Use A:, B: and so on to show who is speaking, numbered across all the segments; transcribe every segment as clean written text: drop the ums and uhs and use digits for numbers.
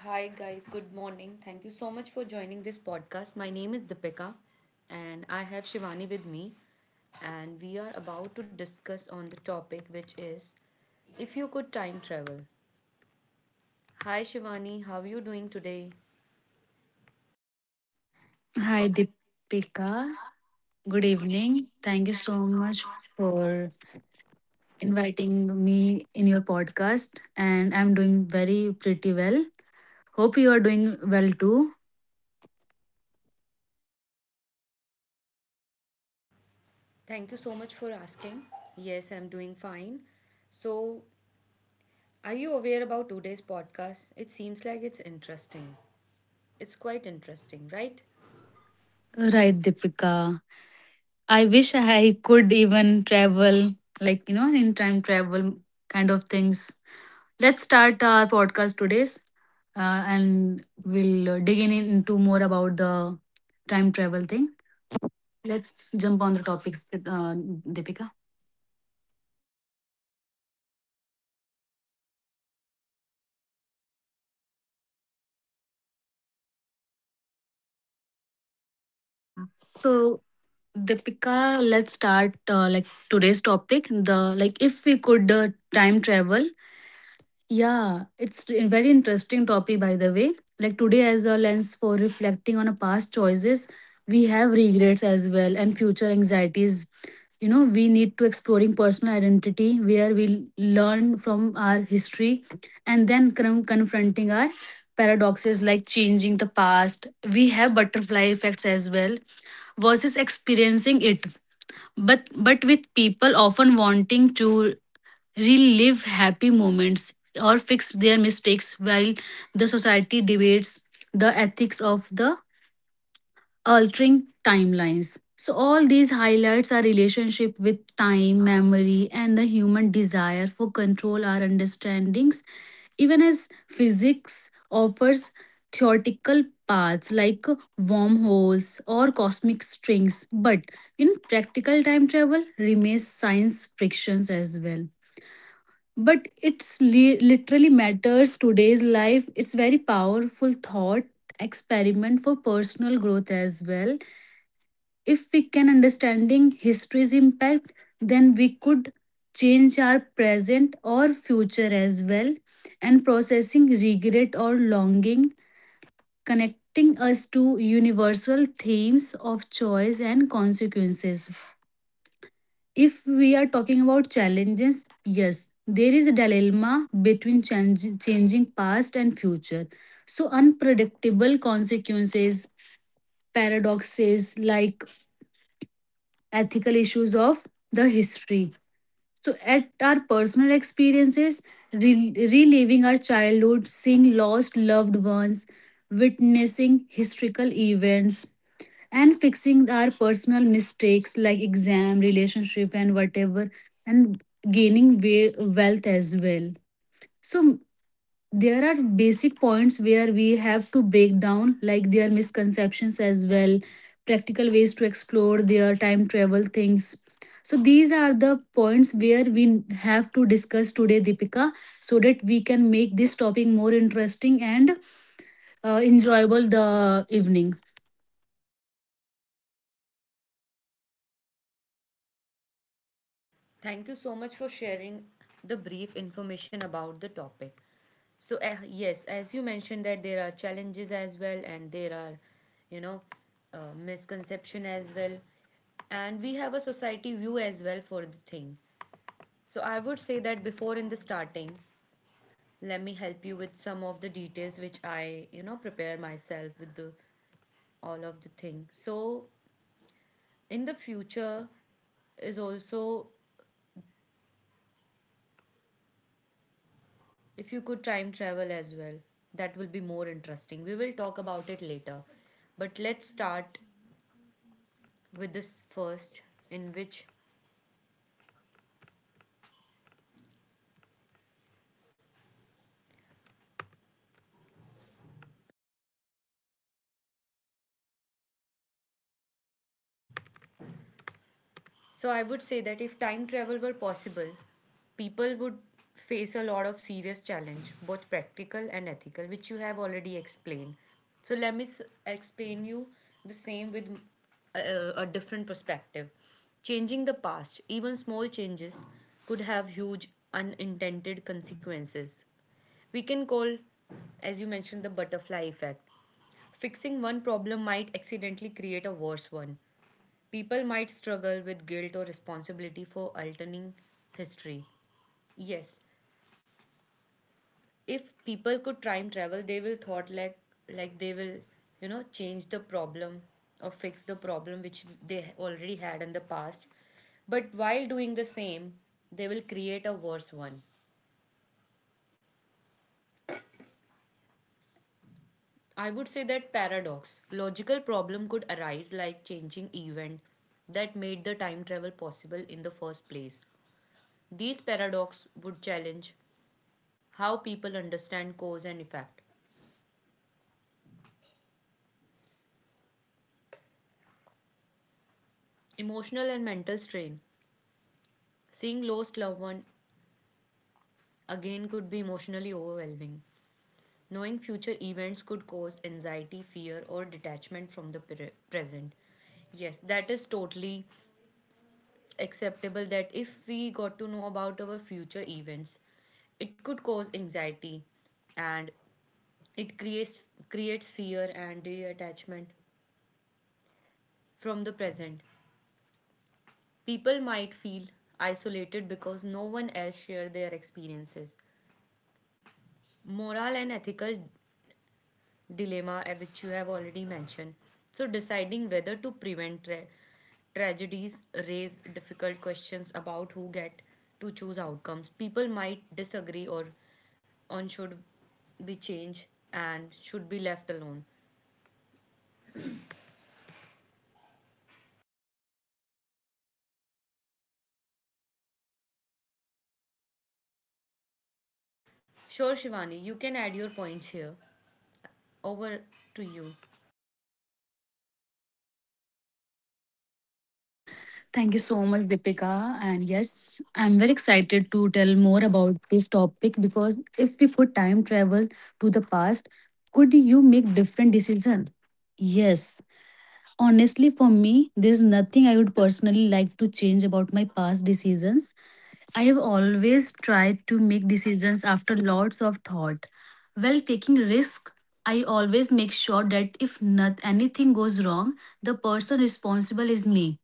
A: Hi, guys. Good morning. Thank you so much for joining this podcast. My name is Deepika, and I have Shivani with me. And we are about to discuss on the topic, which is if you could time travel. Hi, Shivani. How are you doing today?
B: Hi, Deepika. Good evening. Thank you so much for inviting me in your podcast. And I'm doing very pretty well. Hope you are doing well too.
A: Thank you so much for asking. Yes, I'm doing fine. So, are you aware about today's podcast? It seems like it's interesting. It's quite interesting, right?
B: Right, Deepika. I wish I could even travel, like, in time travel kind of things. Let's start our podcast today's and we'll dig in into more about the time travel thing. Let's jump on the topics, Deepika. So, Deepika, let's start like today's topic. The like, if we could time travel, yeah, it's a very interesting topic, by the way. Like today, as a lens for reflecting on our past choices, we have regrets as well and future anxieties. You know, we need to exploring personal identity where we learn from our history and then confronting our paradoxes like changing the past. We have butterfly effects as well versus experiencing it but with people often wanting to relive happy moments, or fix their mistakes while the society debates the ethics of the altering timelines. So, all these highlights our relationship with time, memory, and the human desire for control our understandings even as physics offers theoretical paths like wormholes or cosmic strings, but in practical time travel remains science frictions as well, but literally matters today's life. It's very powerful thought experiment for personal growth as well. If we can understanding history's impact, then we could change our present or future as well, and processing regret or longing connecting us to universal themes of choice and consequences. If we are talking about challenges, yes, there is a dilemma between changing past and future. So, unpredictable consequences, paradoxes like ethical issues of the history. So, at our personal experiences, reliving our childhood, seeing lost loved ones, witnessing historical events, and fixing our personal mistakes like exam relationship and whatever, and gaining wealth as well. So there are basic points where we have to break down like their misconceptions as well, practical ways to explore their time travel things. So these are the points where we have to discuss today, Deepika, so that we can make this topic more interesting and enjoyable the evening.
A: Thank you so much for sharing the brief information about the topic. So, yes, as you mentioned that there are challenges as well and there are, you know, misconception as well. And we have a society view as well for the thing. So, I would say that before in the starting, let me help you with some of the details which I, prepare myself with the all of the thing. So, in the future, is also if you could time travel as well, that will be more interesting. We will talk about it later. But let's start with this first, in which so I would say that if time travel were possible, people would face a lot of serious challenge, both practical and ethical, which you have already explained. So let me explain you the same with a different perspective. Changing the past, even small changes, could have huge unintended consequences. We can call, as you mentioned, the butterfly effect. Fixing one problem might accidentally create a worse one. People might struggle with guilt or responsibility for altering history. Yes, if people could time travel, they will thought like they will, you know, change the problem or fix the problem which they already had in the past. But while doing the same, they will create a worse one. I would say that paradox, logical problem could arise like changing event that made the time travel possible in the first place. These paradox would challenge how people understand cause and effect. Emotional and mental strain. Seeing lost loved one again could be emotionally overwhelming. Knowing future events could cause anxiety, fear, or detachment from the present. Yes, that is totally acceptable that if we got to know about our future events, it could cause anxiety and it creates fear and detachment from the present. People might feel isolated because no one else shares their experiences. Moral and ethical dilemma, which you have already mentioned. So, deciding whether to prevent tragedies raise difficult questions about who get to choose outcomes. People might disagree or on should be changed and should be left alone. Sure, Shivani, you can add your points here. Over to you.
B: Thank you so much, Deepika. And yes, I'm very excited to tell more about this topic. Because if we put time travel to the past, could you make different decision? Yes. Honestly, for me, there's nothing I would personally like to change about my past decisions. I have always tried to make decisions after lots of thought. While taking risk, I always make sure that if not anything goes wrong, the person responsible is me.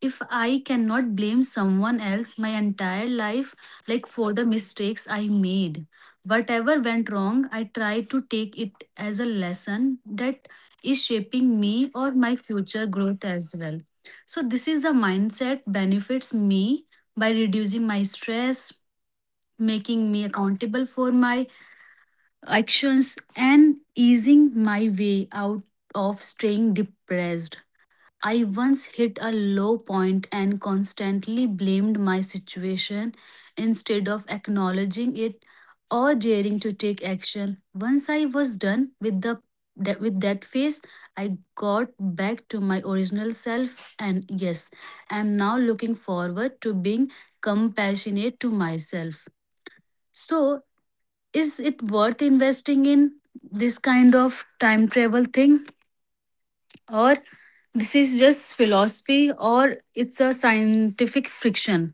B: If I cannot blame someone else my entire life, like for the mistakes I made. Whatever went wrong, I try to take it as a lesson that is shaping me or my future growth as well. So, this is the mindset benefits me by reducing my stress, making me accountable for my actions, and easing my way out of staying depressed. I once hit a low point and constantly blamed my situation instead of acknowledging it or daring to take action. Once I was done with with that phase, I got back to my original self, and yes, I am now looking forward to being compassionate to myself. So, is it worth investing in this kind of time travel thing? Or this is just philosophy, or it's a scientific friction?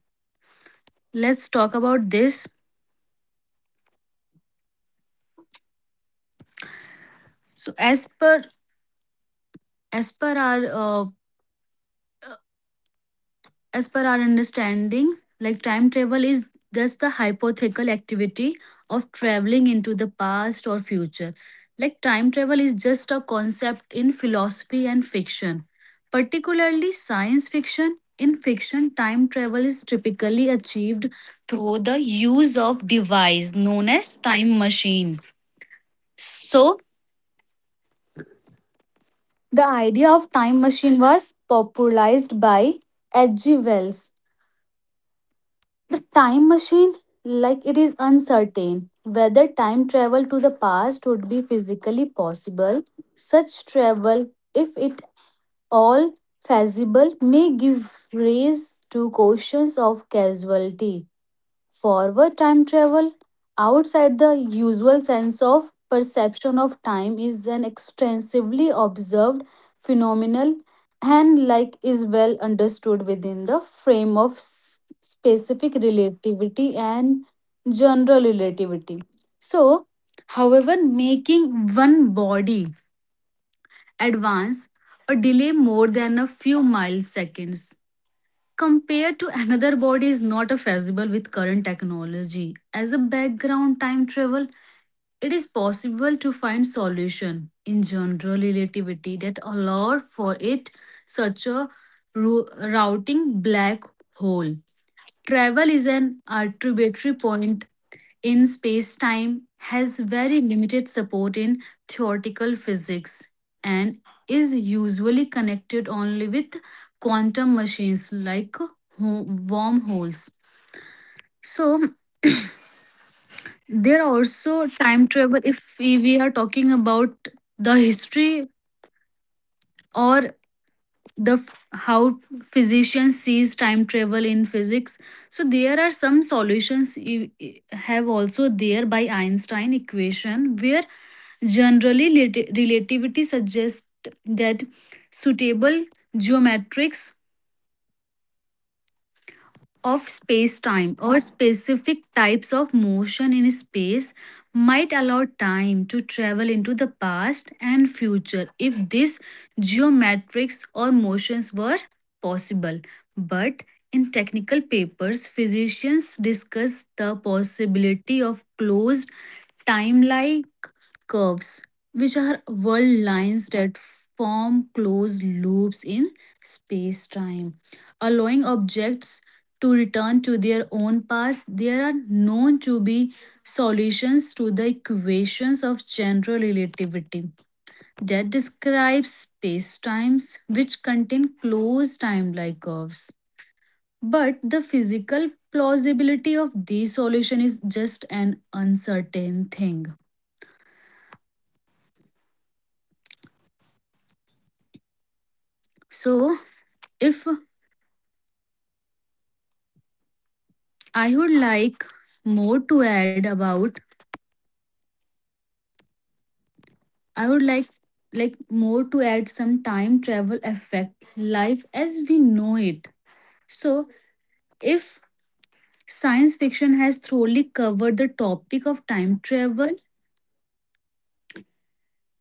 B: Let's talk about this. So as per as per our uh, as per our understanding, like time travel is just the hypothetical activity of traveling into the past or future. Like time travel is just a concept in philosophy and fiction, particularly science fiction. In fiction, time travel is typically achieved through the use of device known as time machine. So, the idea of time machine was popularized by H.G. Wells time machine. Like it is uncertain whether time travel to the past would be physically possible. Such travel, if it all feasible, may give rise to questions of causality. Forward time travel, outside the usual sense of perception of time, is an extensively observed phenomenon, and like is well understood within the frame of specific relativity and general relativity. So, however, making one body advance or delay more than a few milliseconds compared to another body is not a feasible with current technology. As a background time travel, it is possible to find solution in general relativity that allow for it, such a routing black hole. Travel is an arbitrary point in space time has very limited support in theoretical physics, and is usually connected only with quantum machines like wormholes. So, there are also time travel if we are talking about the history, or how physicians sees time travel in physics. So there are some solutions you have also there by Einstein equation where generally, relativity suggests that suitable geometrics of space time or specific types of motion in space might allow time to travel into the past and future if these geometrics or motions were possible. But in technical papers, physicians discuss the possibility of closed timeline curves, which are world lines that form closed loops in space time, allowing objects to return to their own paths. There are known to be solutions to the equations of general relativity that describe space times, which contain closed time like curves. But the physical plausibility of these solution is just an uncertain thing. So, if I would like more to add about I would like more to add some time travel affect life as we know it. So if science fiction has thoroughly covered the topic of time travel.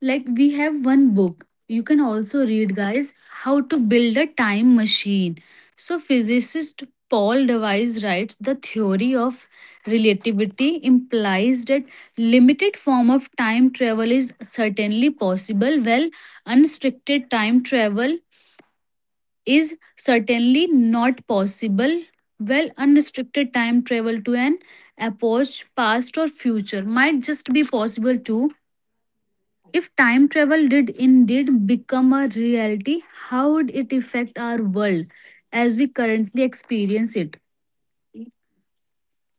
B: Like we have one book. You can also read, guys, How to Build a Time Machine. So, physicist Paul Device writes the theory of relativity implies that limited form of time travel is certainly possible, while unrestricted time travel is certainly not possible. Well, unrestricted time travel to an approach past or future might just be possible too. If time travel did indeed become a reality, how would it affect our world as we currently experience it?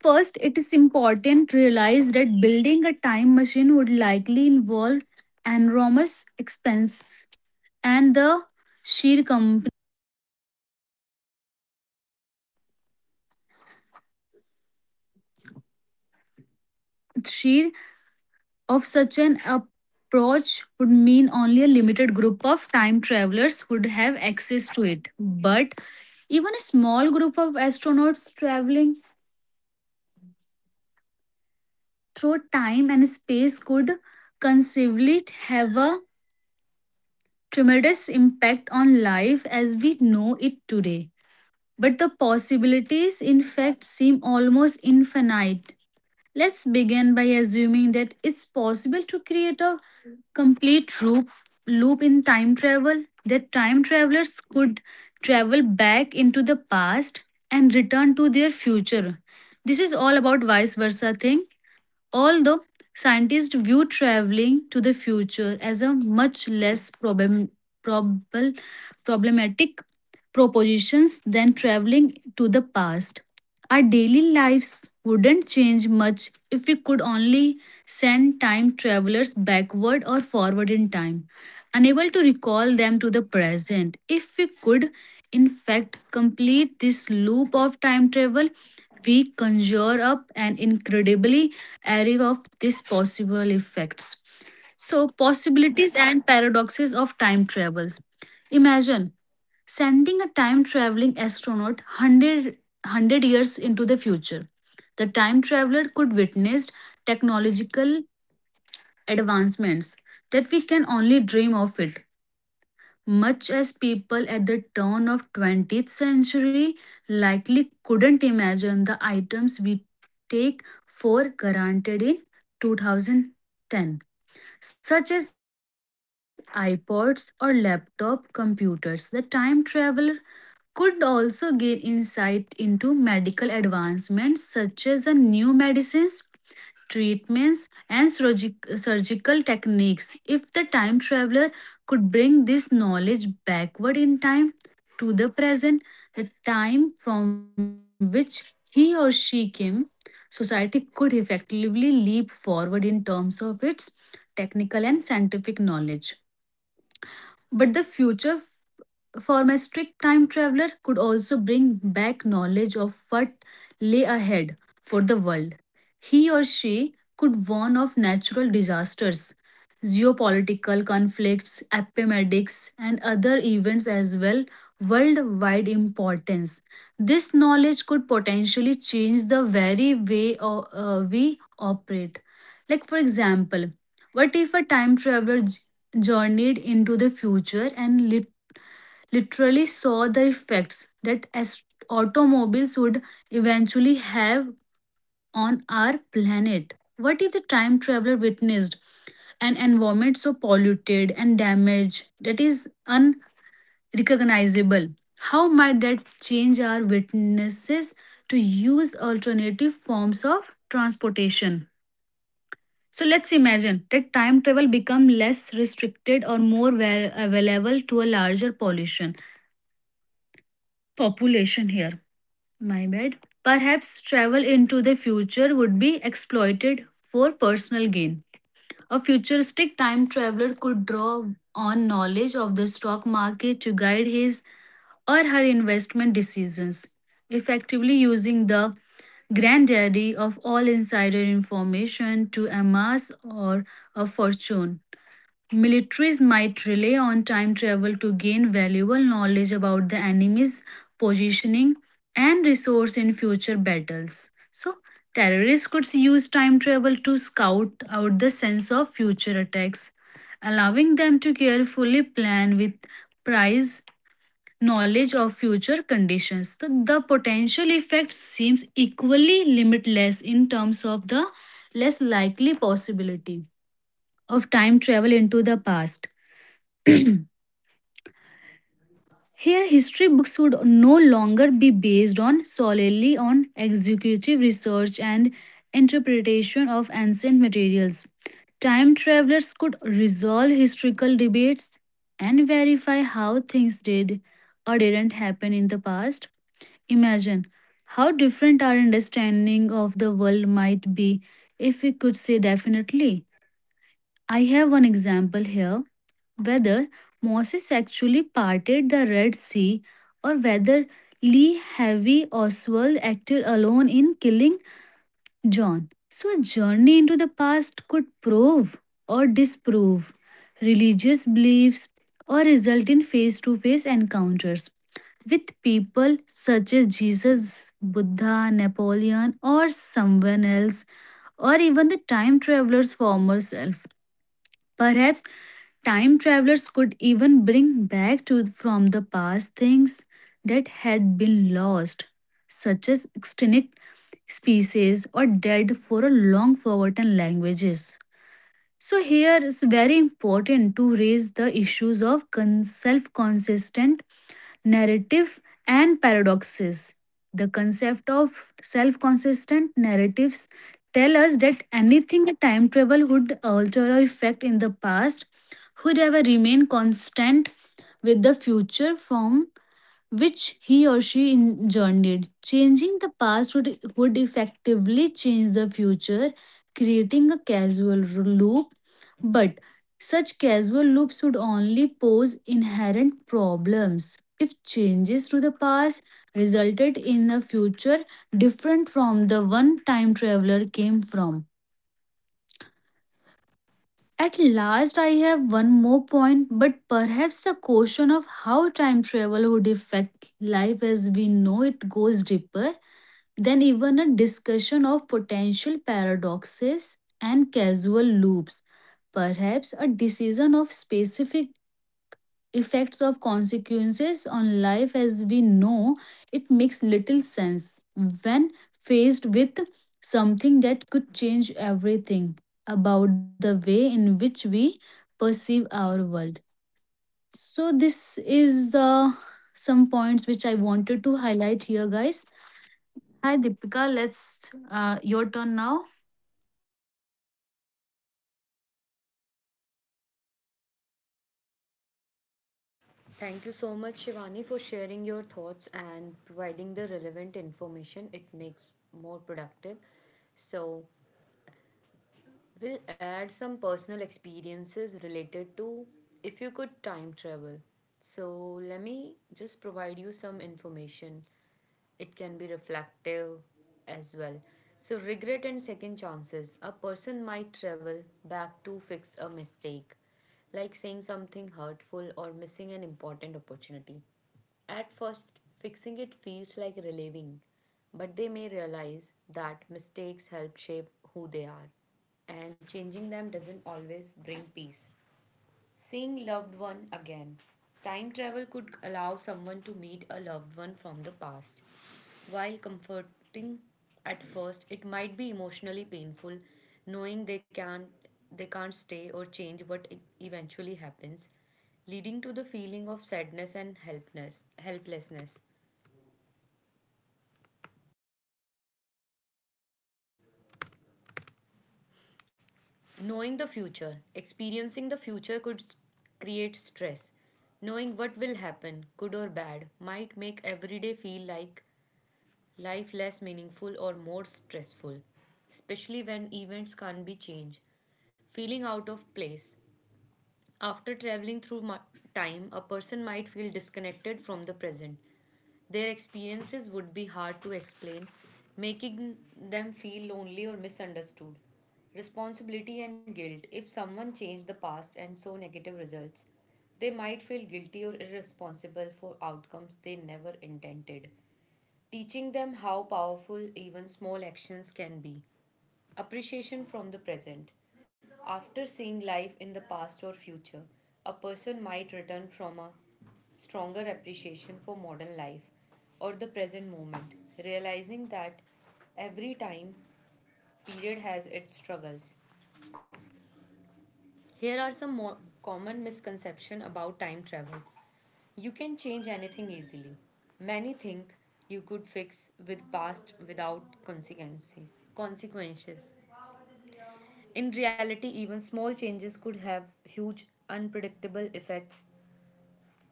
B: First, it is important to realize that building a time machine would likely involve enormous expense, and the sheer sheer of such an approach would mean only a limited group of time travelers would have access to it. But even a small group of astronauts traveling through time and space could conceivably have a tremendous impact on life as we know it today. But the possibilities, in fact, seem almost infinite. Let's begin by assuming that it's possible to create a complete loop, loop in time travel, that time travelers could travel back into the past and return to their future. This is all about vice versa thing. Although scientists view traveling to the future as a much probable, problematic propositions than traveling to the past, our daily lives wouldn't change much if we could only send time travelers backward or forward in time, unable to recall them to the present. If we could, in fact, complete this loop of time travel, we conjure up an incredibly array of these possible effects. So, possibilities and paradoxes of time travels. Imagine sending a time traveling astronaut 100, years into the future. The time traveler could witness technological advancements that we can only dream of it, much as people at the turn of 20th century likely couldn't imagine the items we take for granted in 2010, such as ipods or laptop computers. The time traveler could also gain insight into medical advancements such as a new medicines, treatments, and surgical techniques. If the time traveler could bring this knowledge backward in time to the present, the time from which he or she came, society could effectively leap forward in terms of its technical and scientific knowledge. But the future for a strict time traveler could also bring back knowledge of what lay ahead for the world. He or she could warn of natural disasters, geopolitical conflicts, epidemics, and other events as well worldwide importance. This knowledge could potentially change the very way we operate. Like for example, what if a time traveler journeyed into the future and literally saw the effects that automobiles would eventually have on our planet. What if the time traveler witnessed an environment so polluted and damaged that is unrecognizable? How might that change our witnesses to use alternative forms of transportation? So let's imagine that time travel become less restricted or more available to a larger pollution population here. My bad. Perhaps travel into the future would be exploited for personal gain. A futuristic time traveler could draw on knowledge of the stock market to guide his or her investment decisions, effectively using the granddaddy of all insider information to amass or a fortune. Militaries might rely on time travel to gain valuable knowledge about the enemy's positioning and resource in future battles. So, terrorists could use time travel to scout out the sense of future attacks, allowing them to carefully plan with precise knowledge of future conditions. So, the potential effect seems equally limitless in terms of the less likely possibility of time travel into the past. Here, history books would no longer be based on solely on executive research and interpretation of ancient materials. Time travelers could resolve historical debates and verify how things did or didn't happen in the past. Imagine how different our understanding of the world might be if we could say definitely. I have one example here whether Moses actually parted the Red Sea or whether Lee Harvey Oswald acted alone in killing John. So, a journey into the past could prove or disprove religious beliefs or result in face to face encounters with people such as Jesus, Buddha, Napoleon, or someone else, or even the time traveler's former self. Perhaps time travelers could even bring back to from the past things that had been lost, such as extinct species or dead for a long forgotten languages. So here it's very important to raise the issues of self-consistent narrative and paradoxes. The concept of self consistent narratives tell us that anything a time travel would alter or affect in the past would ever remain constant with the future from which he or she journeyed. Changing the past would effectively change the future, creating a causal loop, but such causal loops would only pose inherent problems if changes to the past resulted in a future different from the one time traveler came from. At last, I have one more point, but perhaps the question of how time travel would affect life as we know it goes deeper than even a discussion of potential paradoxes and causal loops. Perhaps a decision of specific effects of consequences on life as we know it makes little sense when faced with something that could change everything about the way in which we perceive our world. So this is the some points which I wanted to highlight here, guys. Hi Deepika, let's your turn now.
A: Thank you so much, Shivani, for sharing your thoughts and providing the relevant information. It makes more productive. So, we'll add some personal experiences related to if you could time travel. So, let me just provide you some information. It can be reflective as well. So, regret and second chances. A person might travel back to fix a mistake, like saying something hurtful or missing an important opportunity. At first, fixing it feels like relieving, but they may realize that mistakes help shape who they are, and changing them doesn't always bring peace. Seeing loved one again. Time travel could allow someone to meet a loved one from the past. While comforting at first, it might be emotionally painful knowing they can't stay or change what eventually happens, leading to the feeling of sadness and helplessness. Knowing the future, experiencing the future could create stress. Knowing what will happen, good or bad, might make every day feel like life less meaningful or more stressful, especially when events can't be changed. Feeling out of place. After traveling through time, a person might feel disconnected from the present. Their experiences would be hard to explain, making them feel lonely or misunderstood. Responsibility and guilt. If someone changed the past and saw negative results, they might feel guilty or irresponsible for outcomes they never intended, teaching them how powerful even small actions can be. Appreciation from the present. After seeing life in the past or future, a person might return from a stronger appreciation for modern life or the present moment, realizing that every time period has its struggles. Here are some more common misconceptions about time travel. You can change anything easily. Many think you could fix with past without consequences. In reality, even small changes could have huge unpredictable effects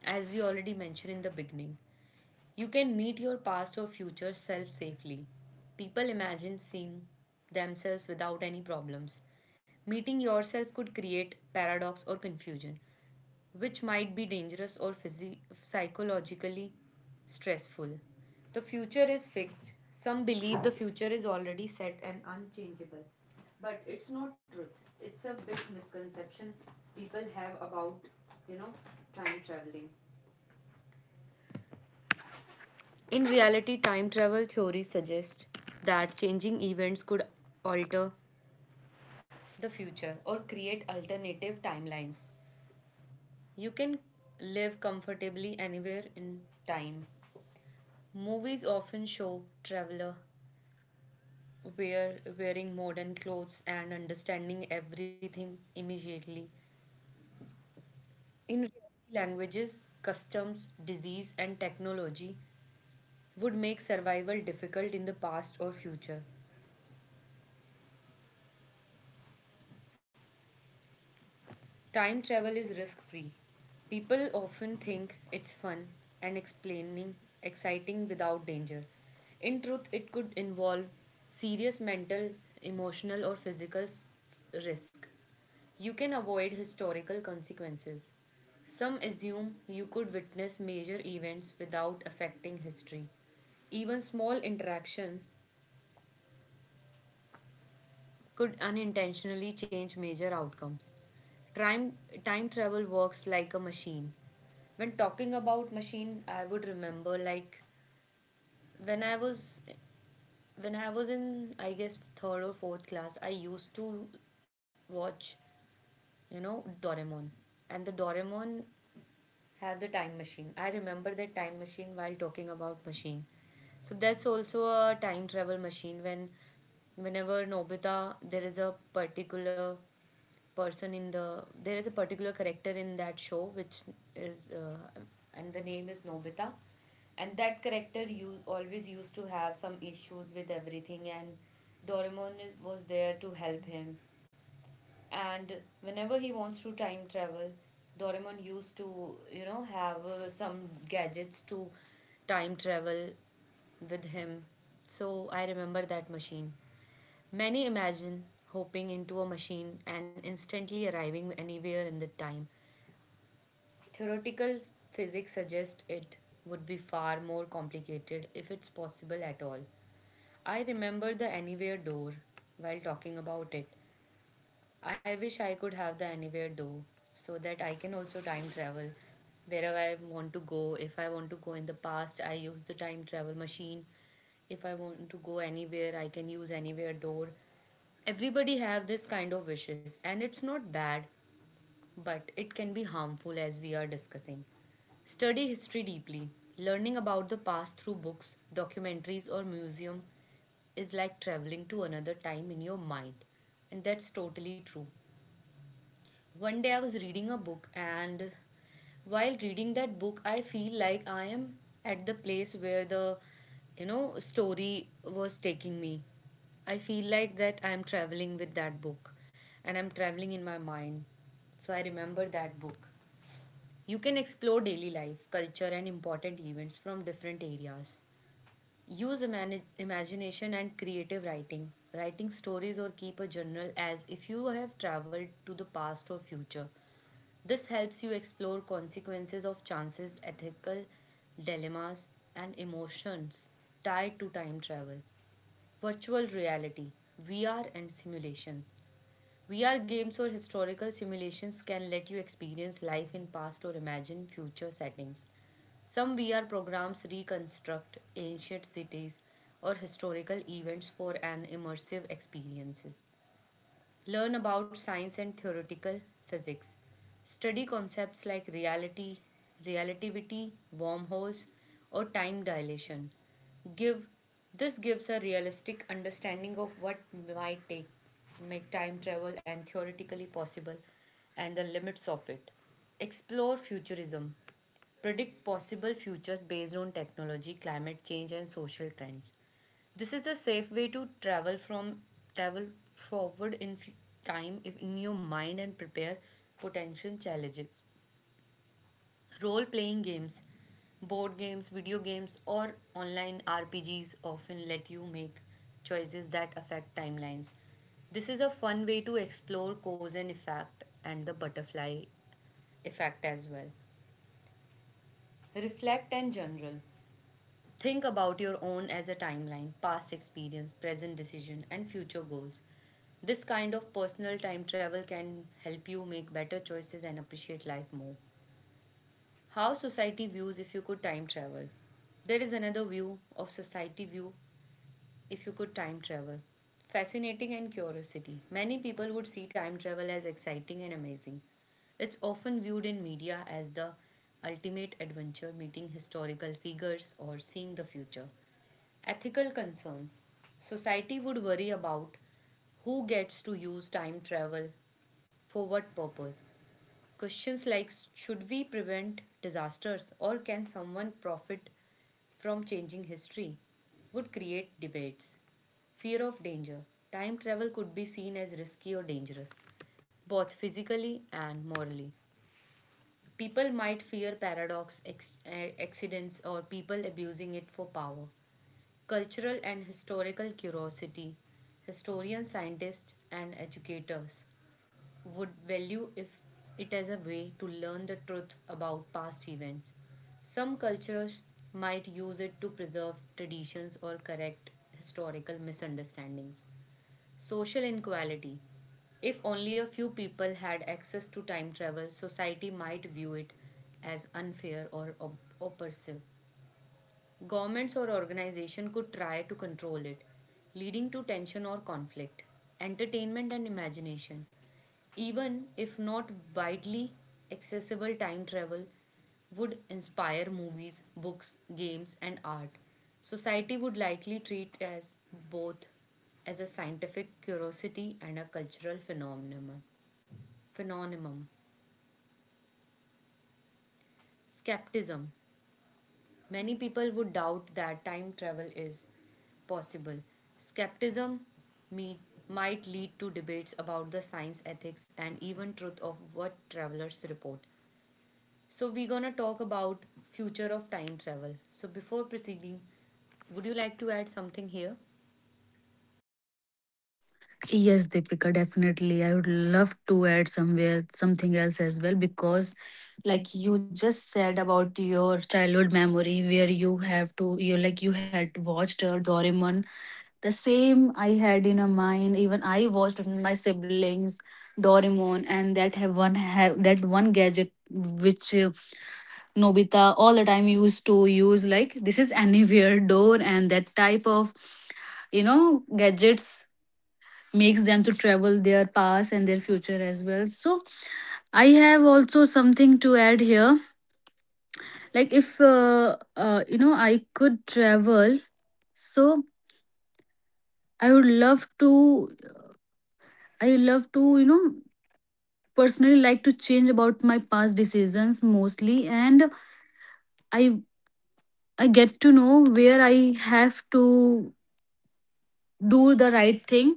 A: as we already mentioned in the beginning. You can meet your past or future self safely. People imagine seeing themselves without any problems. Meeting yourself could create paradox or confusion which might be dangerous or psychologically stressful. The future is fixed. Some believe the future is already set and unchangeable. But it's not truth. It's a big misconception people have about, you know, time traveling. In reality, time travel theory suggests that changing events could alter the future or create alternative timelines. You can live comfortably anywhere in time. Movies often show traveler wearing modern clothes and understanding everything immediately. In reality, languages, customs, disease, and technology would make survival difficult in the past or future. Time travel is risk free. People often think it's fun and explaining, exciting without danger. In truth, it could involve serious mental, emotional, or physical risk. You can avoid historical consequences. Some assume you could witness major events without affecting history. Even small interaction could unintentionally change major outcomes. Time, time travel works like a machine. When talking about machine, I would remember like when I was when I was in I guess third or fourth class, I used to watch you know Doraemon, and the Doraemon have the time machine. I remember that time machine while talking about machine. So that's also a time travel machine when whenever Nobita there is a particular person in the there is a particular character in that show which is and the name is Nobita, and that character you always used to have some issues with everything, and Doraemon was there to help him, and whenever he wants to time travel, Doraemon used to you know have some gadgets to time travel with him. So I remember that machine. Many imagine hopping into a machine and instantly arriving anywhere in the time. Theoretical physics suggests it would be far more complicated if it's possible at all. I remember the anywhere door while talking about it. I wish I could have the anywhere door so that I can also time travel wherever I want to go. If I want to go in the past, I use the time travel machine. If I want to go anywhere, I can use anywhere door. Everybody have this kind of wishes and it's not bad, but it can be harmful as we are discussing. Study history deeply. Learning about the past through books, documentaries or museum is like traveling to another time in your mind, and that's totally true. One day I was reading a book, and while reading that book, I feel like I am at the place where the you know story was taking me. I feel like that I am traveling with that book and I'm traveling in my mind. So I remember that book. You can explore daily life, culture, and important events from different areas. Use imagination and creative writing. Writing stories or keep a journal as if you have traveled to the past or future. This helps you explore consequences of chances, ethical dilemmas, and emotions tied to time travel. Virtual reality, VR, and simulations. VR games or historical simulations can let you experience life in past or imagine future settings. Some VR programs reconstruct ancient cities or historical events for an immersive experiences. Learn about science and theoretical physics. Study concepts like reality, relativity, wormholes, or time dilation. Give this gives a realistic understanding of what might take make time travel and theoretically possible and the limits of it. Explore futurism. Predict possible futures based on technology, climate change, and social trends. This is a safe way to travel forward in time if- in your mind and prepare potential challenges. Role playing games, board games, video games, or online RPGs often let you make choices that affect timelines. This is a fun way to explore cause and effect and the butterfly effect as well. Reflect and journal. Think about your own as a timeline, past experience, present decision, and future goals. This kind of personal time travel can help you make better choices and appreciate life more. How society views if you could time travel. There is another view of society view if you could time travel? Fascinating and curiosity. Many people would see time travel as exciting and amazing. It's often viewed in media as the ultimate adventure, meeting historical figures or seeing the future. Ethical concerns. Society would worry about who gets to use time travel for what purpose. Questions like should we prevent disasters or can someone profit from changing history would create debates. Fear of danger. Time travel could be seen as risky or dangerous, both physically and morally. People might fear paradox, accidents, or people abusing it for power. Cultural and historical curiosity. Historians, scientists, and educators would value if it as a way to learn the truth about past events. Some cultures might use it to preserve traditions or correct historical misunderstandings. Social inequality. If only a few people had access to time travel, society might view it as unfair or oppressive. Governments or organizations could try to control it, leading to tension or conflict. Entertainment and imagination. Even if not widely accessible, time travel would inspire movies, books, games, and art. Society would likely treat as both as a scientific curiosity and a cultural phenomenon. Phenomenon. Skepticism. Many people would doubt that time travel is possible. Skepticism me- might lead to debates about the science, ethics, and even truth of what travelers report. So we're gonna talk about future of time travel. So before proceeding, would you like to add something here?
B: Yes, Deepika, definitely. I would love to add somewhere something else as well because, like you just said about your childhood memory, where you have to, you like you had watched Doraemon. The same I had in a mind. Even I watched with my siblings Doraemon, and that have one have that one gadget which Nobita all the time used to use. Like this is anywhere door and that type of you know gadgets makes them to travel their past and their future as well. So I have also something to add here, like if you know I could travel, so I would love to, I love to you know personally like to change about my past decisions mostly. And i I get to know where I have to do the right thing.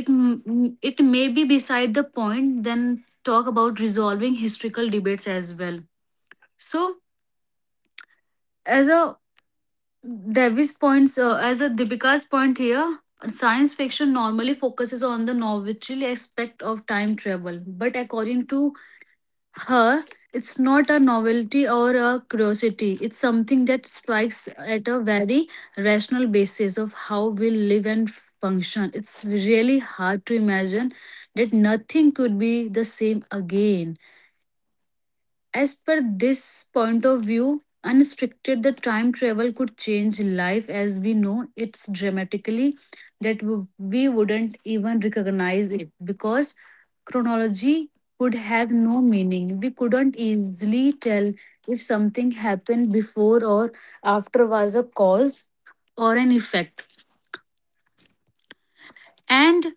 B: It may be beside the point then talk about resolving historical debates as well. So as a Devi's points, as a Deepika's point here. Science fiction normally focuses on the novelty aspect of time travel, but according to her, it's not a novelty or a curiosity. It's something that strikes at a very rational basis of how we live and function. It's really hard to imagine that nothing could be the same again. As per this point of view, unrestricted the time travel could change life as we know it's dramatically, that we wouldn't even recognize it because chronology would have no meaning. We couldn't easily tell if something happened before or after, was a cause or an effect. And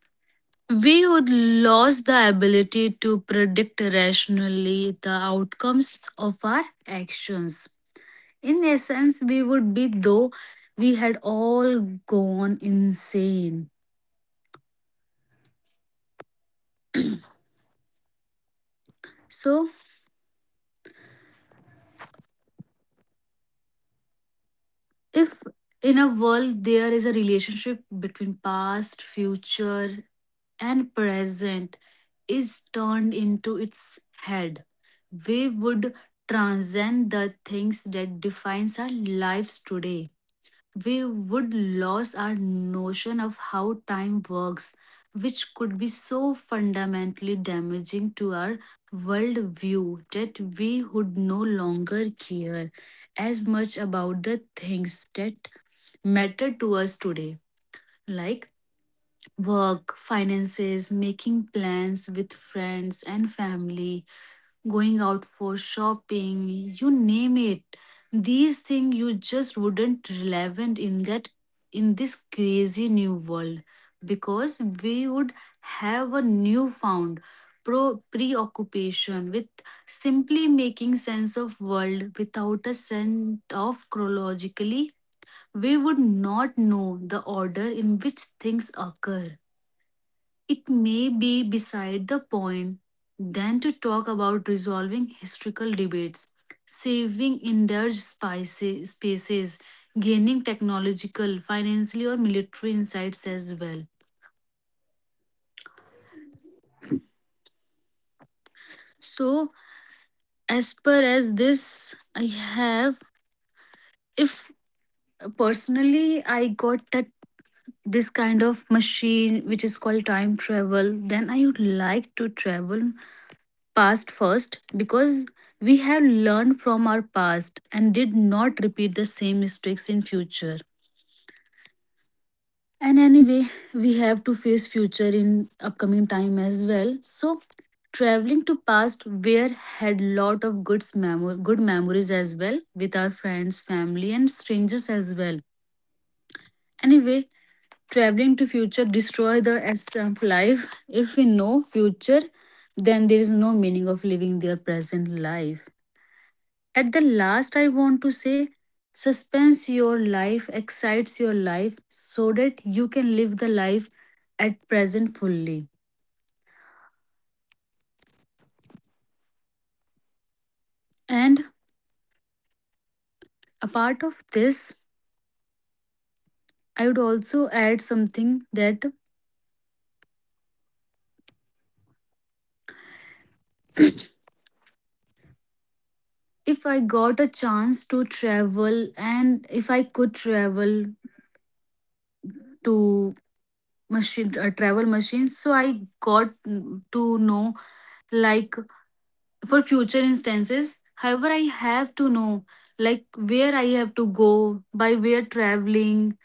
B: we would lose the ability to predict rationally the outcomes of our actions. In essence, we would be though we had all gone insane. So, if in a world there is a relationship between past, future, and present is turned into its head, we would transcend the things that defines our lives today. We would lose our notion of how time works, which could be so fundamentally damaging to our worldview that we would no longer care as much about the things that matter to us today, like work, finances, making plans with friends and family, going out for shopping, you name it. These things you just wouldn't relevant in that in this crazy new world, because we would have a newfound pro preoccupation with simply making sense of world without a sense of chronologically. We would not know the order in which things occur. It may be beside the point then to talk about resolving historical debates, saving spaces, gaining technological, financial, or military insights as well. So, as per as this, I have, if personally I got that this kind of machine which is called time travel, then I would like to travel past first because we have learned from our past and did not repeat the same mistakes in future. And anyway, we have to face future in upcoming time as well. So traveling to past where had lot of good memories as well with our friends, family, and strangers as well. Anyway, traveling to future destroy the essence of life. If we know future, then there is no meaning of living their present life. At the last, I want to say suspense your life, excites your life so that you can live the life at present fully. And a part of this, I would also add something that if I got a chance to travel and if I could travel to machine travel machines, so I got to know like for future instances. However, I have to know like where I have to go, by where traveling,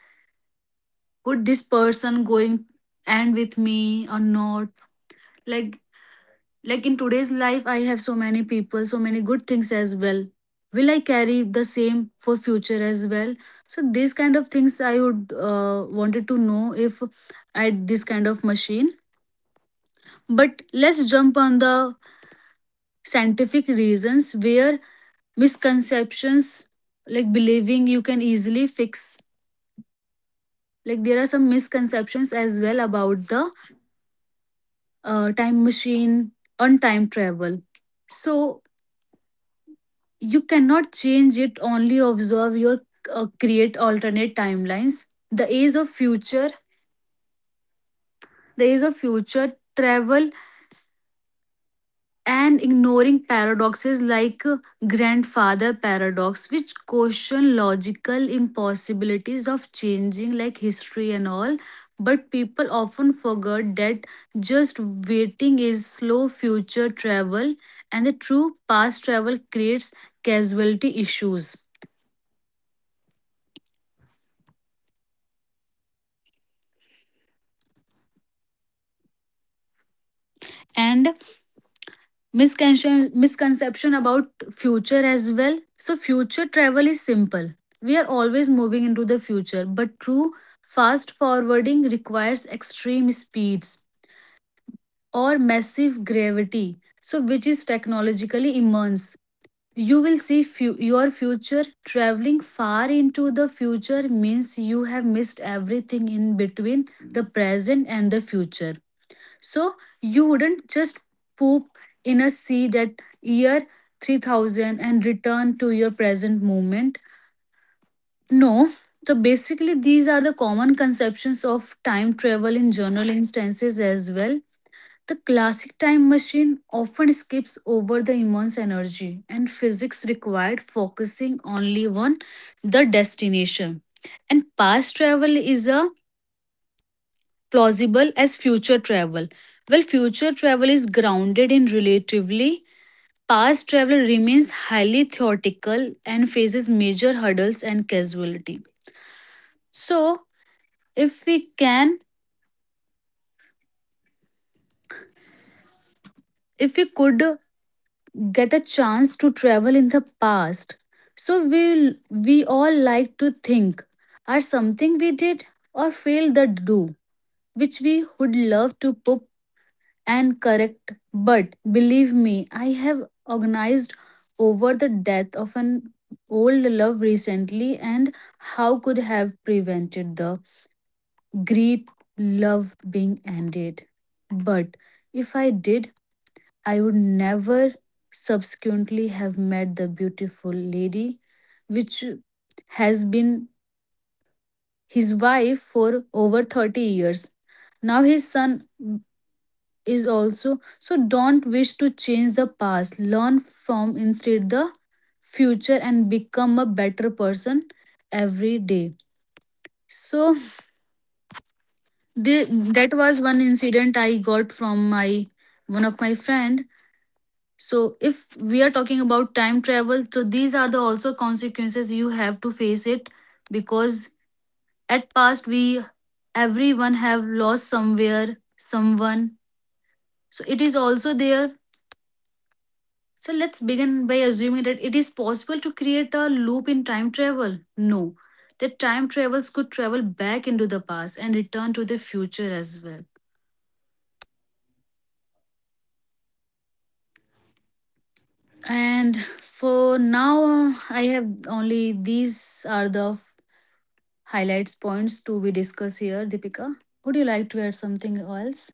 B: would this person going and with me or not? Like like in today's life I have so many people, so many good things as well. Will I carry the same for future as well? So these kind of things I would wanted to know if I had this kind of machine. But let's jump on the scientific reasons where misconceptions, like believing you can easily fix, like there are some misconceptions as well about the time machine on time travel. So you cannot change it, only observe your create alternate timelines, the age of future, the age of future travel, and ignoring paradoxes like grandfather paradox which question logical impossibilities of changing like history and all. But people often forget that just waiting is slow future travel, and the true past travel creates casualty issues. And misconception about future as well. So future travel is simple. We are always moving into the future, but true fast forwarding requires extreme speeds or massive gravity, so which is technologically immense. You will see your future traveling far into the future means you have missed everything in between the present and the future. So you wouldn't just poop in a sea that year 3000 and return to your present moment. No. So basically, these are the common conceptions of time travel in journal instances as well. The classic time machine often skips over the immense energy and physics required, focusing only on the destination. And past travel is a plausible as future travel? Well, future travel is grounded in relatively. Past travel remains highly theoretical and faces major hurdles and casualty. So, if we can, if we could get a chance to travel in the past, so we all like to think are something we did or failed the do, which we would love to put and correct, but believe me, I have organized over the death of an old love recently, and how could have prevented the great love being ended. But if I did, I would never subsequently have met the beautiful lady which has been his wife for over 30 years. Now his son is also, so don't wish to change the past, learn from instead the future, and become a better person every day. So the, that was one incident I got from my one of my friend. So if we are talking about time travel, so these are the also consequences you have to face it, because at past we everyone have lost somewhere someone, so it is also there. So let's begin by assuming that it is possible to create a loop in time travel. No, the time travels could travel back into the past and return to the future as well. And for now, I have only these are the highlights points to be discussed here, Deepika. Would you like to add something else?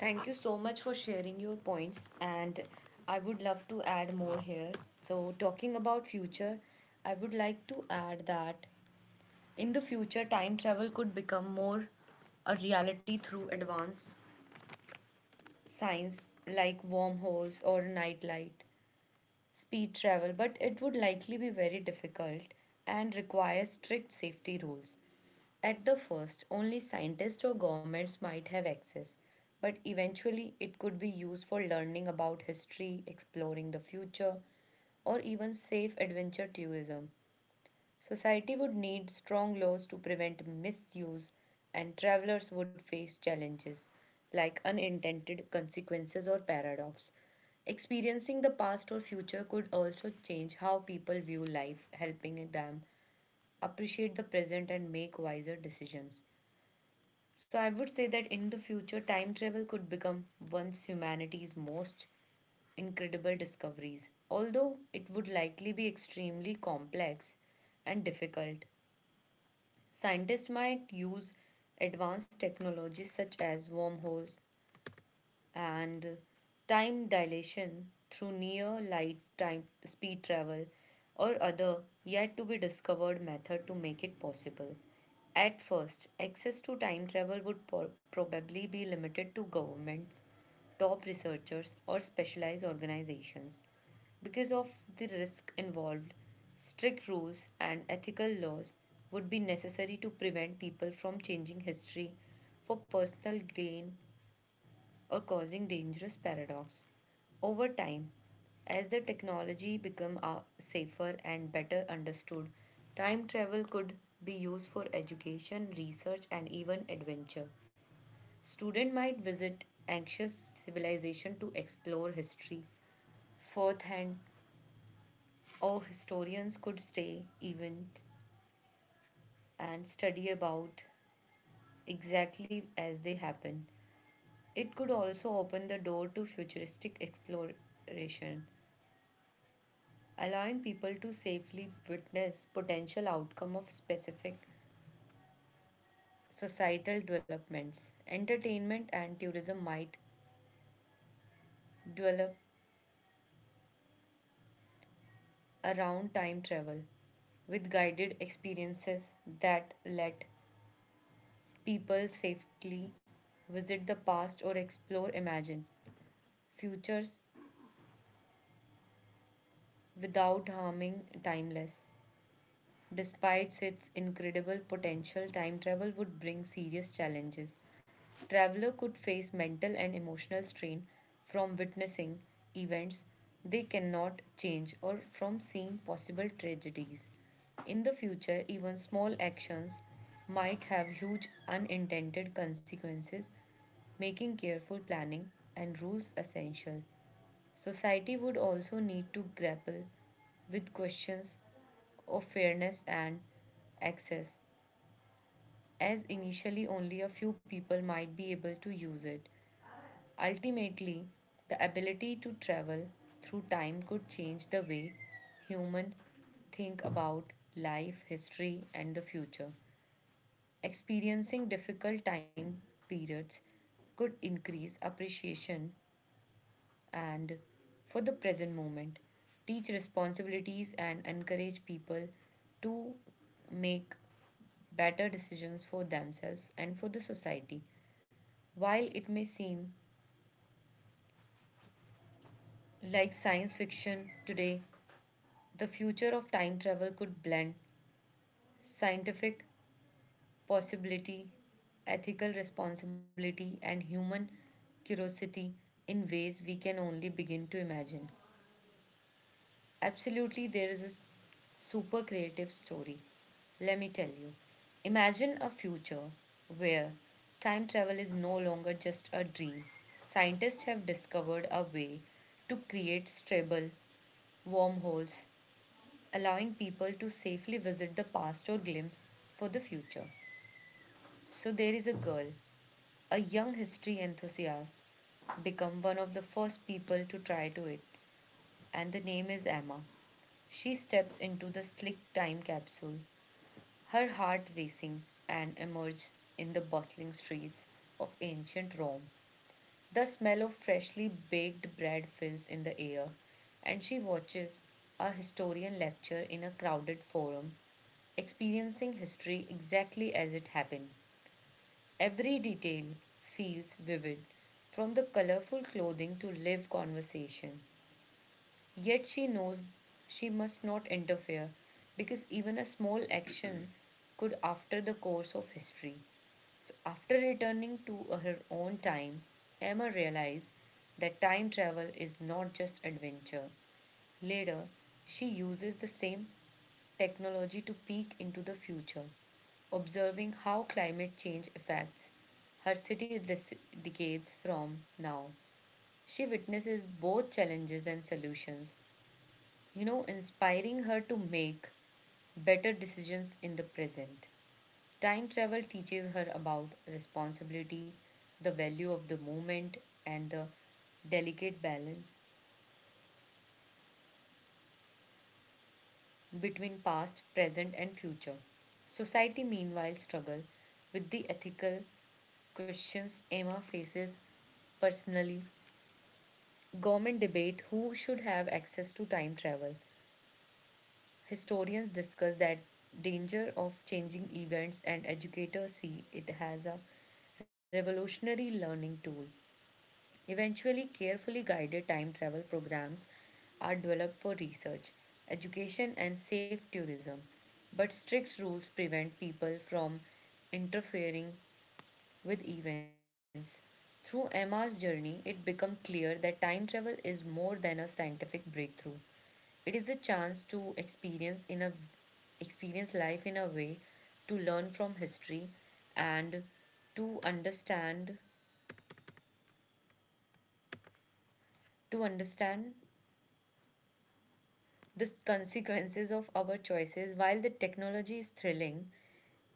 A: Thank you so much for sharing your points, and I would love to add more here. So talking about future, I would like to add that in the future, time travel could become more a reality through advanced science like wormholes or night light, speed travel, but it would likely be very difficult and require strict safety rules. At the first, only scientists or governments might have access, but eventually it could be used for learning about history, exploring the future, or even safe adventure tourism. Society would need strong laws to prevent misuse, and travelers would face challenges like unintended consequences or paradox. Experiencing the past or future could also change how people view life, helping them appreciate the present and make wiser decisions. So, I would say that in the future, time travel could become once humanity's most incredible discoveries. Although it would likely be extremely complex and difficult, scientists might use advanced technologies such as wormholes and time dilation through near light time speed travel or other yet to be discovered method to make it possible. At first, access to time travel would probably be limited to governments, top researchers, or specialized organizations. Because of the risk involved, strict rules and ethical laws would be necessary to prevent people from changing history for personal gain or causing dangerous paradox. Over time, as the technology become safer and better understood, time travel could be used for education, research and even adventure. Student might visit anxious civilization to explore history firsthand, or historians could stay events and study about exactly as they happen. It could also open the door to futuristic exploration, allowing people to safely witness potential outcome of specific societal developments. Entertainment and tourism might develop around time travel with guided experiences that let people safely visit the past or explore imagine futures without harming timeless. Despite its incredible potential, time travel would bring serious challenges. Traveler could face mental and emotional strain from witnessing events they cannot change or from seeing possible tragedies. In the future, even small actions might have huge unintended consequences, making careful planning and rules essential. Society would also need to grapple with questions of fairness and access, as initially only a few people might be able to use it. Ultimately, the ability to travel through time could change the way humans think about life, history, and the future. Experiencing difficult time periods could increase appreciation and for the present moment. Teach responsibilities and encourage people to make better decisions for themselves and for the society. While it may seem like science fiction today, the future of time travel could blend scientific possibility, ethical responsibility, and human curiosity in ways we can only begin to imagine. Absolutely, there is a super creative story. Let me tell you. Imagine a future where time travel is no longer just a dream. Scientists have discovered a way to create stable wormholes, allowing people to safely visit the past or glimpse for the future. So there is a girl, a young history enthusiast, become one of the first people to try to it, and the name is Emma. She steps into the slick time capsule, her heart racing, and emerge in the bustling streets of ancient Rome. The smell of freshly baked bread fills in the air, and she watches a historian lecture in a crowded forum, experiencing history exactly as it happened. Every detail feels vivid, from the colorful clothing to live conversation. Yet she knows she must not interfere because even a small action could alter the course of history. So after returning to her own time, Emma realized that time travel is not just adventure. Later, she uses the same technology to peek into the future, observing how climate change affects her city decades from now. She witnesses both challenges and solutions, you know, inspiring her to make better decisions in the present. Time travel teaches her about responsibility, the value of the moment, and the delicate balance between past, present, and future. Society, meanwhile, struggle with the ethical questions Emma faces personally. Government debate who should have access to time travel. Historians discuss that danger of changing events and educators see it as a revolutionary learning tool. Eventually, carefully guided time travel programs are developed for research, education and safe tourism, but strict rules prevent people from interfering with events. Through Emma's journey, it became clear that time travel is more than a scientific breakthrough. It is a chance to experience life in a way to learn from history and to understand to understand the consequences of our choices, while the technology is thrilling,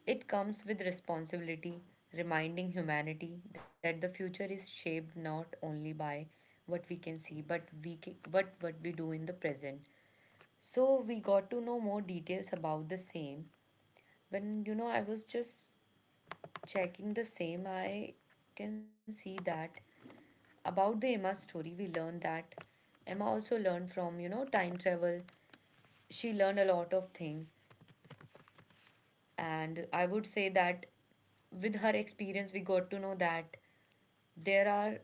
A: it comes with responsibility, reminding humanity that the future is shaped not only by what we can see, but but what we do in the present. So we got to know more details about the same. When you know I was just checking the same, I can see that about the Emma story, we learned that Emma also learned from you know time travel. She learned a lot of things. And I would say that with her experience, we got to know that there are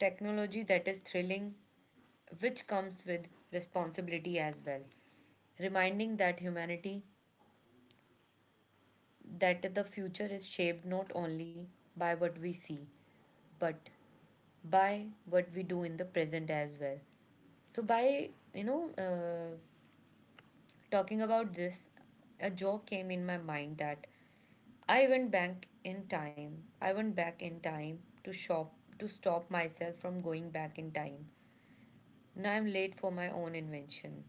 A: technology that is thrilling, which comes with responsibility as well. Reminding that humanity, that the future is shaped not only by what we see, but by what we do in the present as well. So, by you know, talking about this, a joke came in my mind that I went back in time. I went back in time to shop To stop myself from going back in time. Now I'm late for my own invention.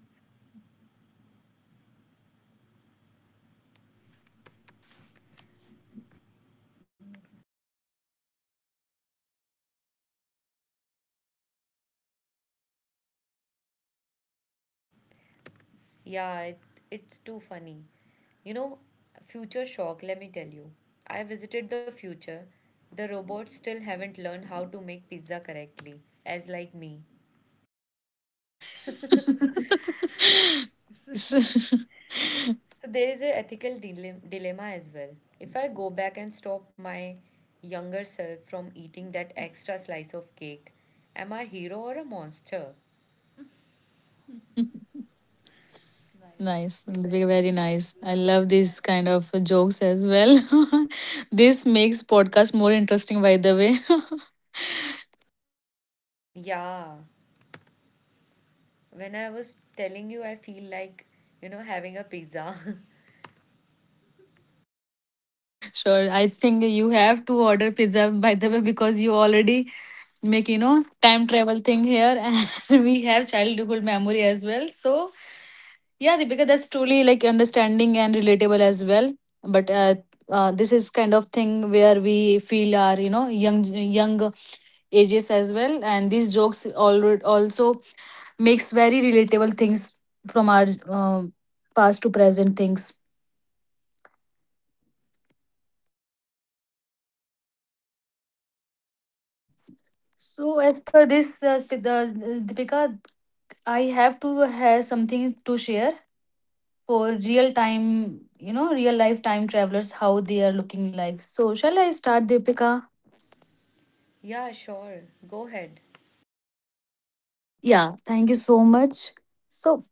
B: I like this joke, Deepika.
A: Yeah, it's too funny. You know, future shock, let me tell you. I visited the future. The robots still haven't learned how to make pizza correctly, as like me. So there is a ethical dilemma as well. If I go back and stop my younger self from eating that extra slice of cake, am I a hero or a monster?
B: Nice, very nice. I love these kind of jokes as well. This makes podcast more interesting, by the way.
A: Yeah, when I was telling you I feel like, you know, having a pizza.
B: Sure, I think you have to order pizza, by the way, because you already make, you know, time travel thing here, and we have childhood memory as well. So yeah, Deepika, that's truly like understanding and relatable as well. But this is kind of thing where we feel our you know young ages as well, and these jokes already also makes very relatable things from our um past to present things. So as per this, Deepika, I have to have something to share for real time, you know, real life time travelers how they are looking like. So shall I start, Deepika?
A: Yeah, sure. Go ahead.
B: Yeah, thank you so much. So,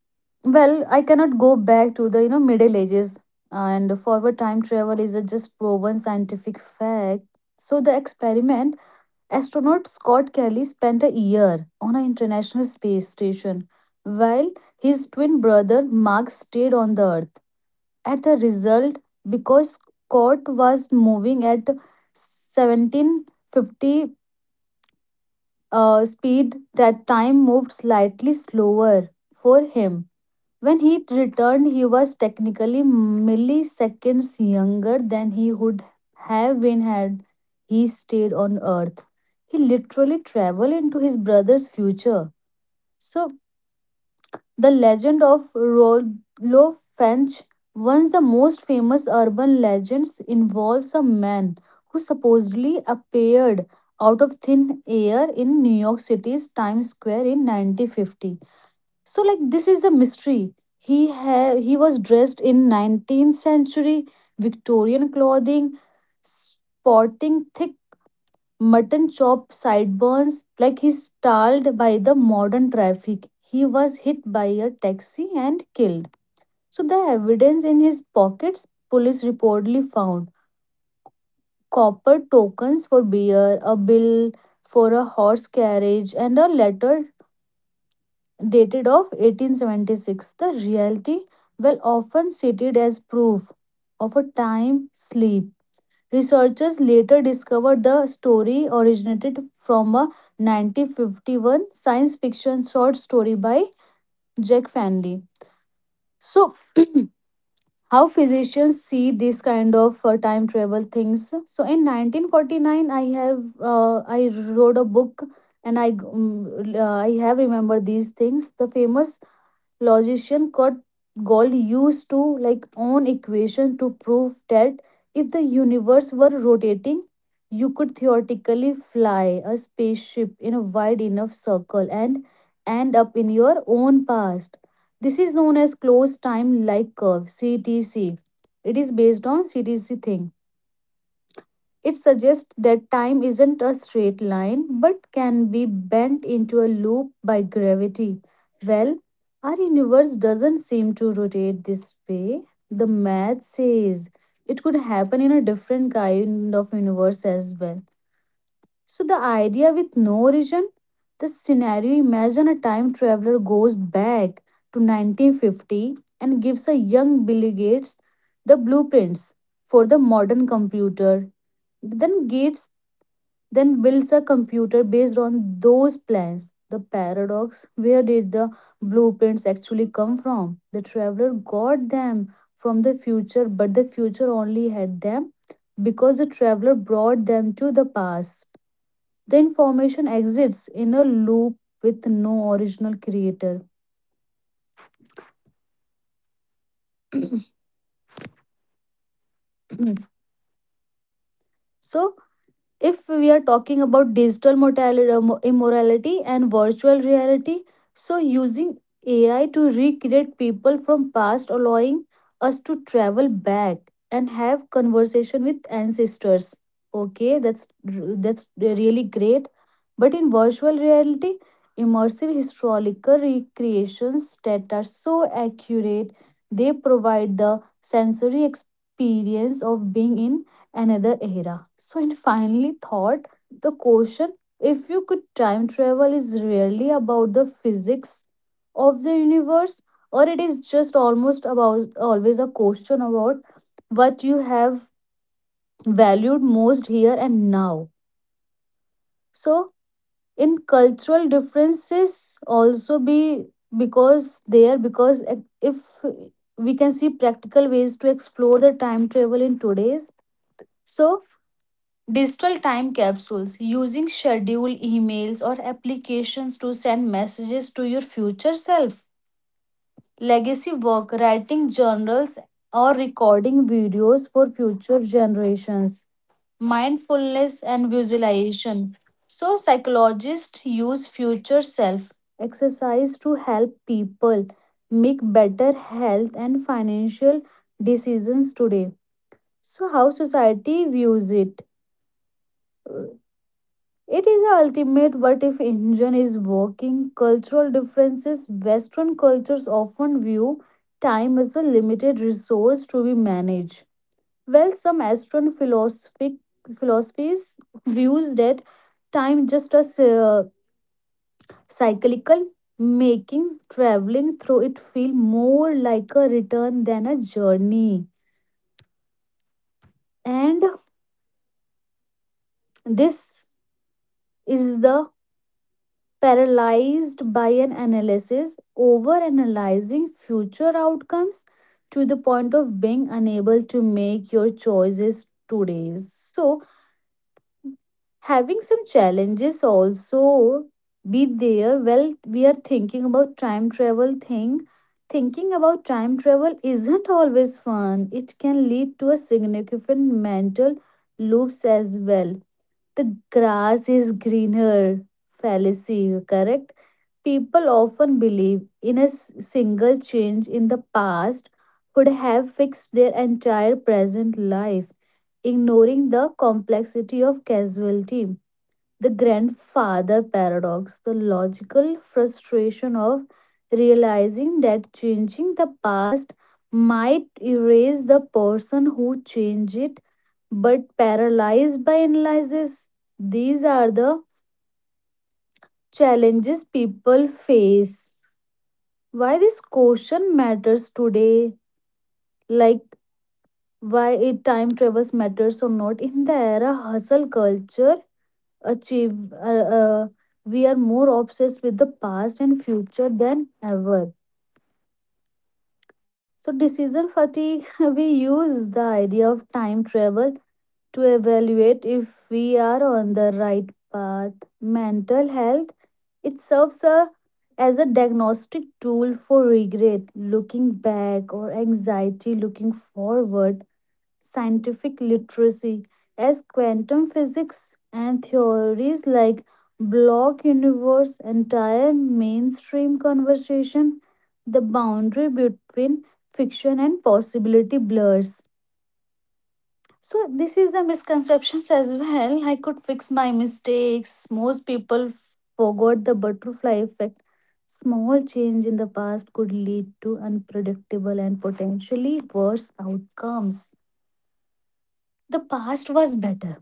B: well, I cannot go back to the you know Middle Ages, and forward time travel is a just proven scientific fact. So the experiment, astronaut Scott Kelly spent a year on an international space station, while his twin brother Mark stayed on the Earth. At the result, because Scott was moving at 1750 speed, that time moved slightly slower for him. When he returned, he was technically milliseconds younger than he would have been had he stayed on Earth. He literally traveled into his brother's future. So, the legend of Rollo Finch, one of the most famous urban legends, involves a man who supposedly appeared out of thin air in New York City's Times Square in 1950. So, like, this is a mystery. He was dressed in 19th century Victorian clothing, sporting thick mutton chop sideburns. Like he's stalled by the modern traffic, he was hit by a taxi and killed. So the evidence in his pockets, police reportedly found copper tokens for beer, a bill for a horse carriage, and a letter dated of 1876. The reality, well, often cited as proof of a time sleep. Researchers later discovered the story originated from a 1951 science fiction short story by Jack Fanley. So, how physicians see this kind of time travel things? So, in 1949, I wrote a book and I have remembered these things. The famous logician Kurt Gold used to like own equation to prove that if the universe were rotating, you could theoretically fly a spaceship in a wide enough circle and end up in your own past. This is known as closed time like curve, CTC. It is based on CTC thing. It suggests that time isn't a straight line but can be bent into a loop by gravity. Well, our universe doesn't seem to rotate this way. The math says it could happen in a different kind of universe as well. So the idea with no origin, this scenario, imagine a time traveler goes back to 1950 and gives a young Billy Gates the blueprints for the modern computer. Then Gates then builds a computer based on those plans. The paradox, where did the blueprints actually come from? The traveler got them from the future, but the future only had them because the traveler brought them to the past. The information exists in a loop with no original creator. So if we are talking about digital immorality and virtual reality, so using AI to recreate people from past, allowing us to travel back and have conversation with ancestors. Okay, that's really great. But in virtual reality, immersive historical recreations that are so accurate, they provide the sensory experience of being in another era. So and finally thought, the question if you could time travel is really about the physics of the universe, or it is just almost about always a question about what you have valued most here and now. So in cultural differences also be, because there because e, if we can see practical ways to explore the time travel in today's, so digital time capsules using scheduled emails or applications to send messages to your future self. Legacy work, writing journals or recording videos for future generations. Mindfulness and visualization. So, psychologists use future self exercise to help people make better health and financial decisions today. So, how society views it? It is a ultimate what if engine is working. Cultural differences, Western cultures often view time as a limited resource to be managed. Well, some Western philosophic philosophies views that time just as cyclical, making traveling through it feel more like a return than a journey. And this is the paralyzed by an analysis, over analyzing future outcomes to the point of being unable to make your choices today. So, having some challenges also be there, well we are thinking about time travel thing thinking about time travel isn't always fun, it can lead to a significant mental loops as well. The grass is greener fallacy, correct? People often believe in a single change in the past could have fixed their entire present life, ignoring the complexity of casualty, the grandfather paradox, the logical frustration of realizing that changing the past might erase the person who changed it, but paralyzed by analysis. These are the challenges people face. Why this question matters today, like why it time travels matters or not in the era hustle culture, achieve uh, we are more obsessed with the past and future than ever. So decision fatigue. We use the idea of time travel to evaluate if we are on the right path. Mental health, it serves as a diagnostic tool for regret looking back or anxiety looking forward. Scientific literacy, as quantum physics and theories like block universe entire mainstream conversation, the boundary between fiction and possibility blurs. So this is the misconceptions as well. I could fix my mistakes. Most people forgot the butterfly effect. Small change in the past could lead to unpredictable and potentially worse outcomes. The past was better.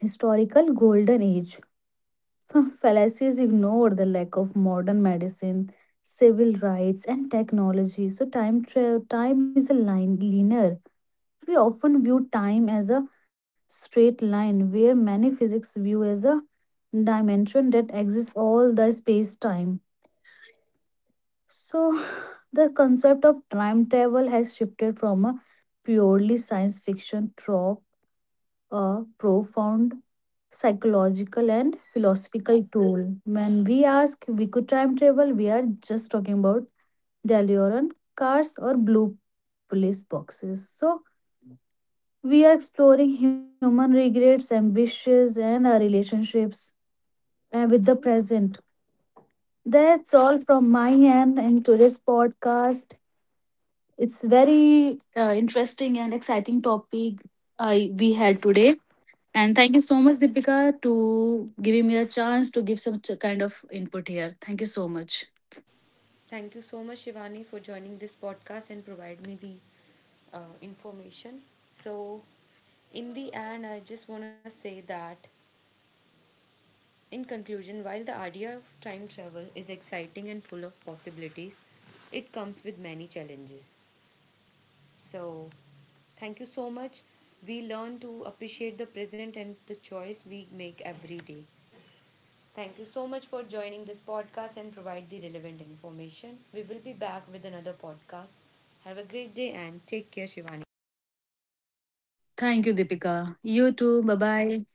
B: Historical golden age. Fallacies ignore the lack of modern medicine, civil rights, and technology. So time is a line linear. We often view time as a straight line, where many physics view as a dimension that exists all the space time. So, the concept of time travel has shifted from a purely science fiction trope, a profound psychological and philosophical tool. When we ask we could time travel, we are just talking about DeLorean cars or blue police boxes. So we are exploring human regrets, ambitions, and our relationships with the present. That's all from my end in today's podcast. It's very interesting and exciting topic I we had today. And thank you so much, Deepika, to giving me a chance to give some kind of input here. Thank you so much.
A: Thank you so much Shivani for joining this podcast and provide me the information. So in the end, I just want to say that in conclusion, while the idea of time travel is exciting and full of possibilities, it comes with many challenges. So, thank you so much. We learn to appreciate the present and the choice we make every day. Thank you so much for joining this podcast and provide the relevant information. We will be back with another podcast. Have a great day and take care, Shivani.
B: Thank you, Deepika. You too. Bye bye.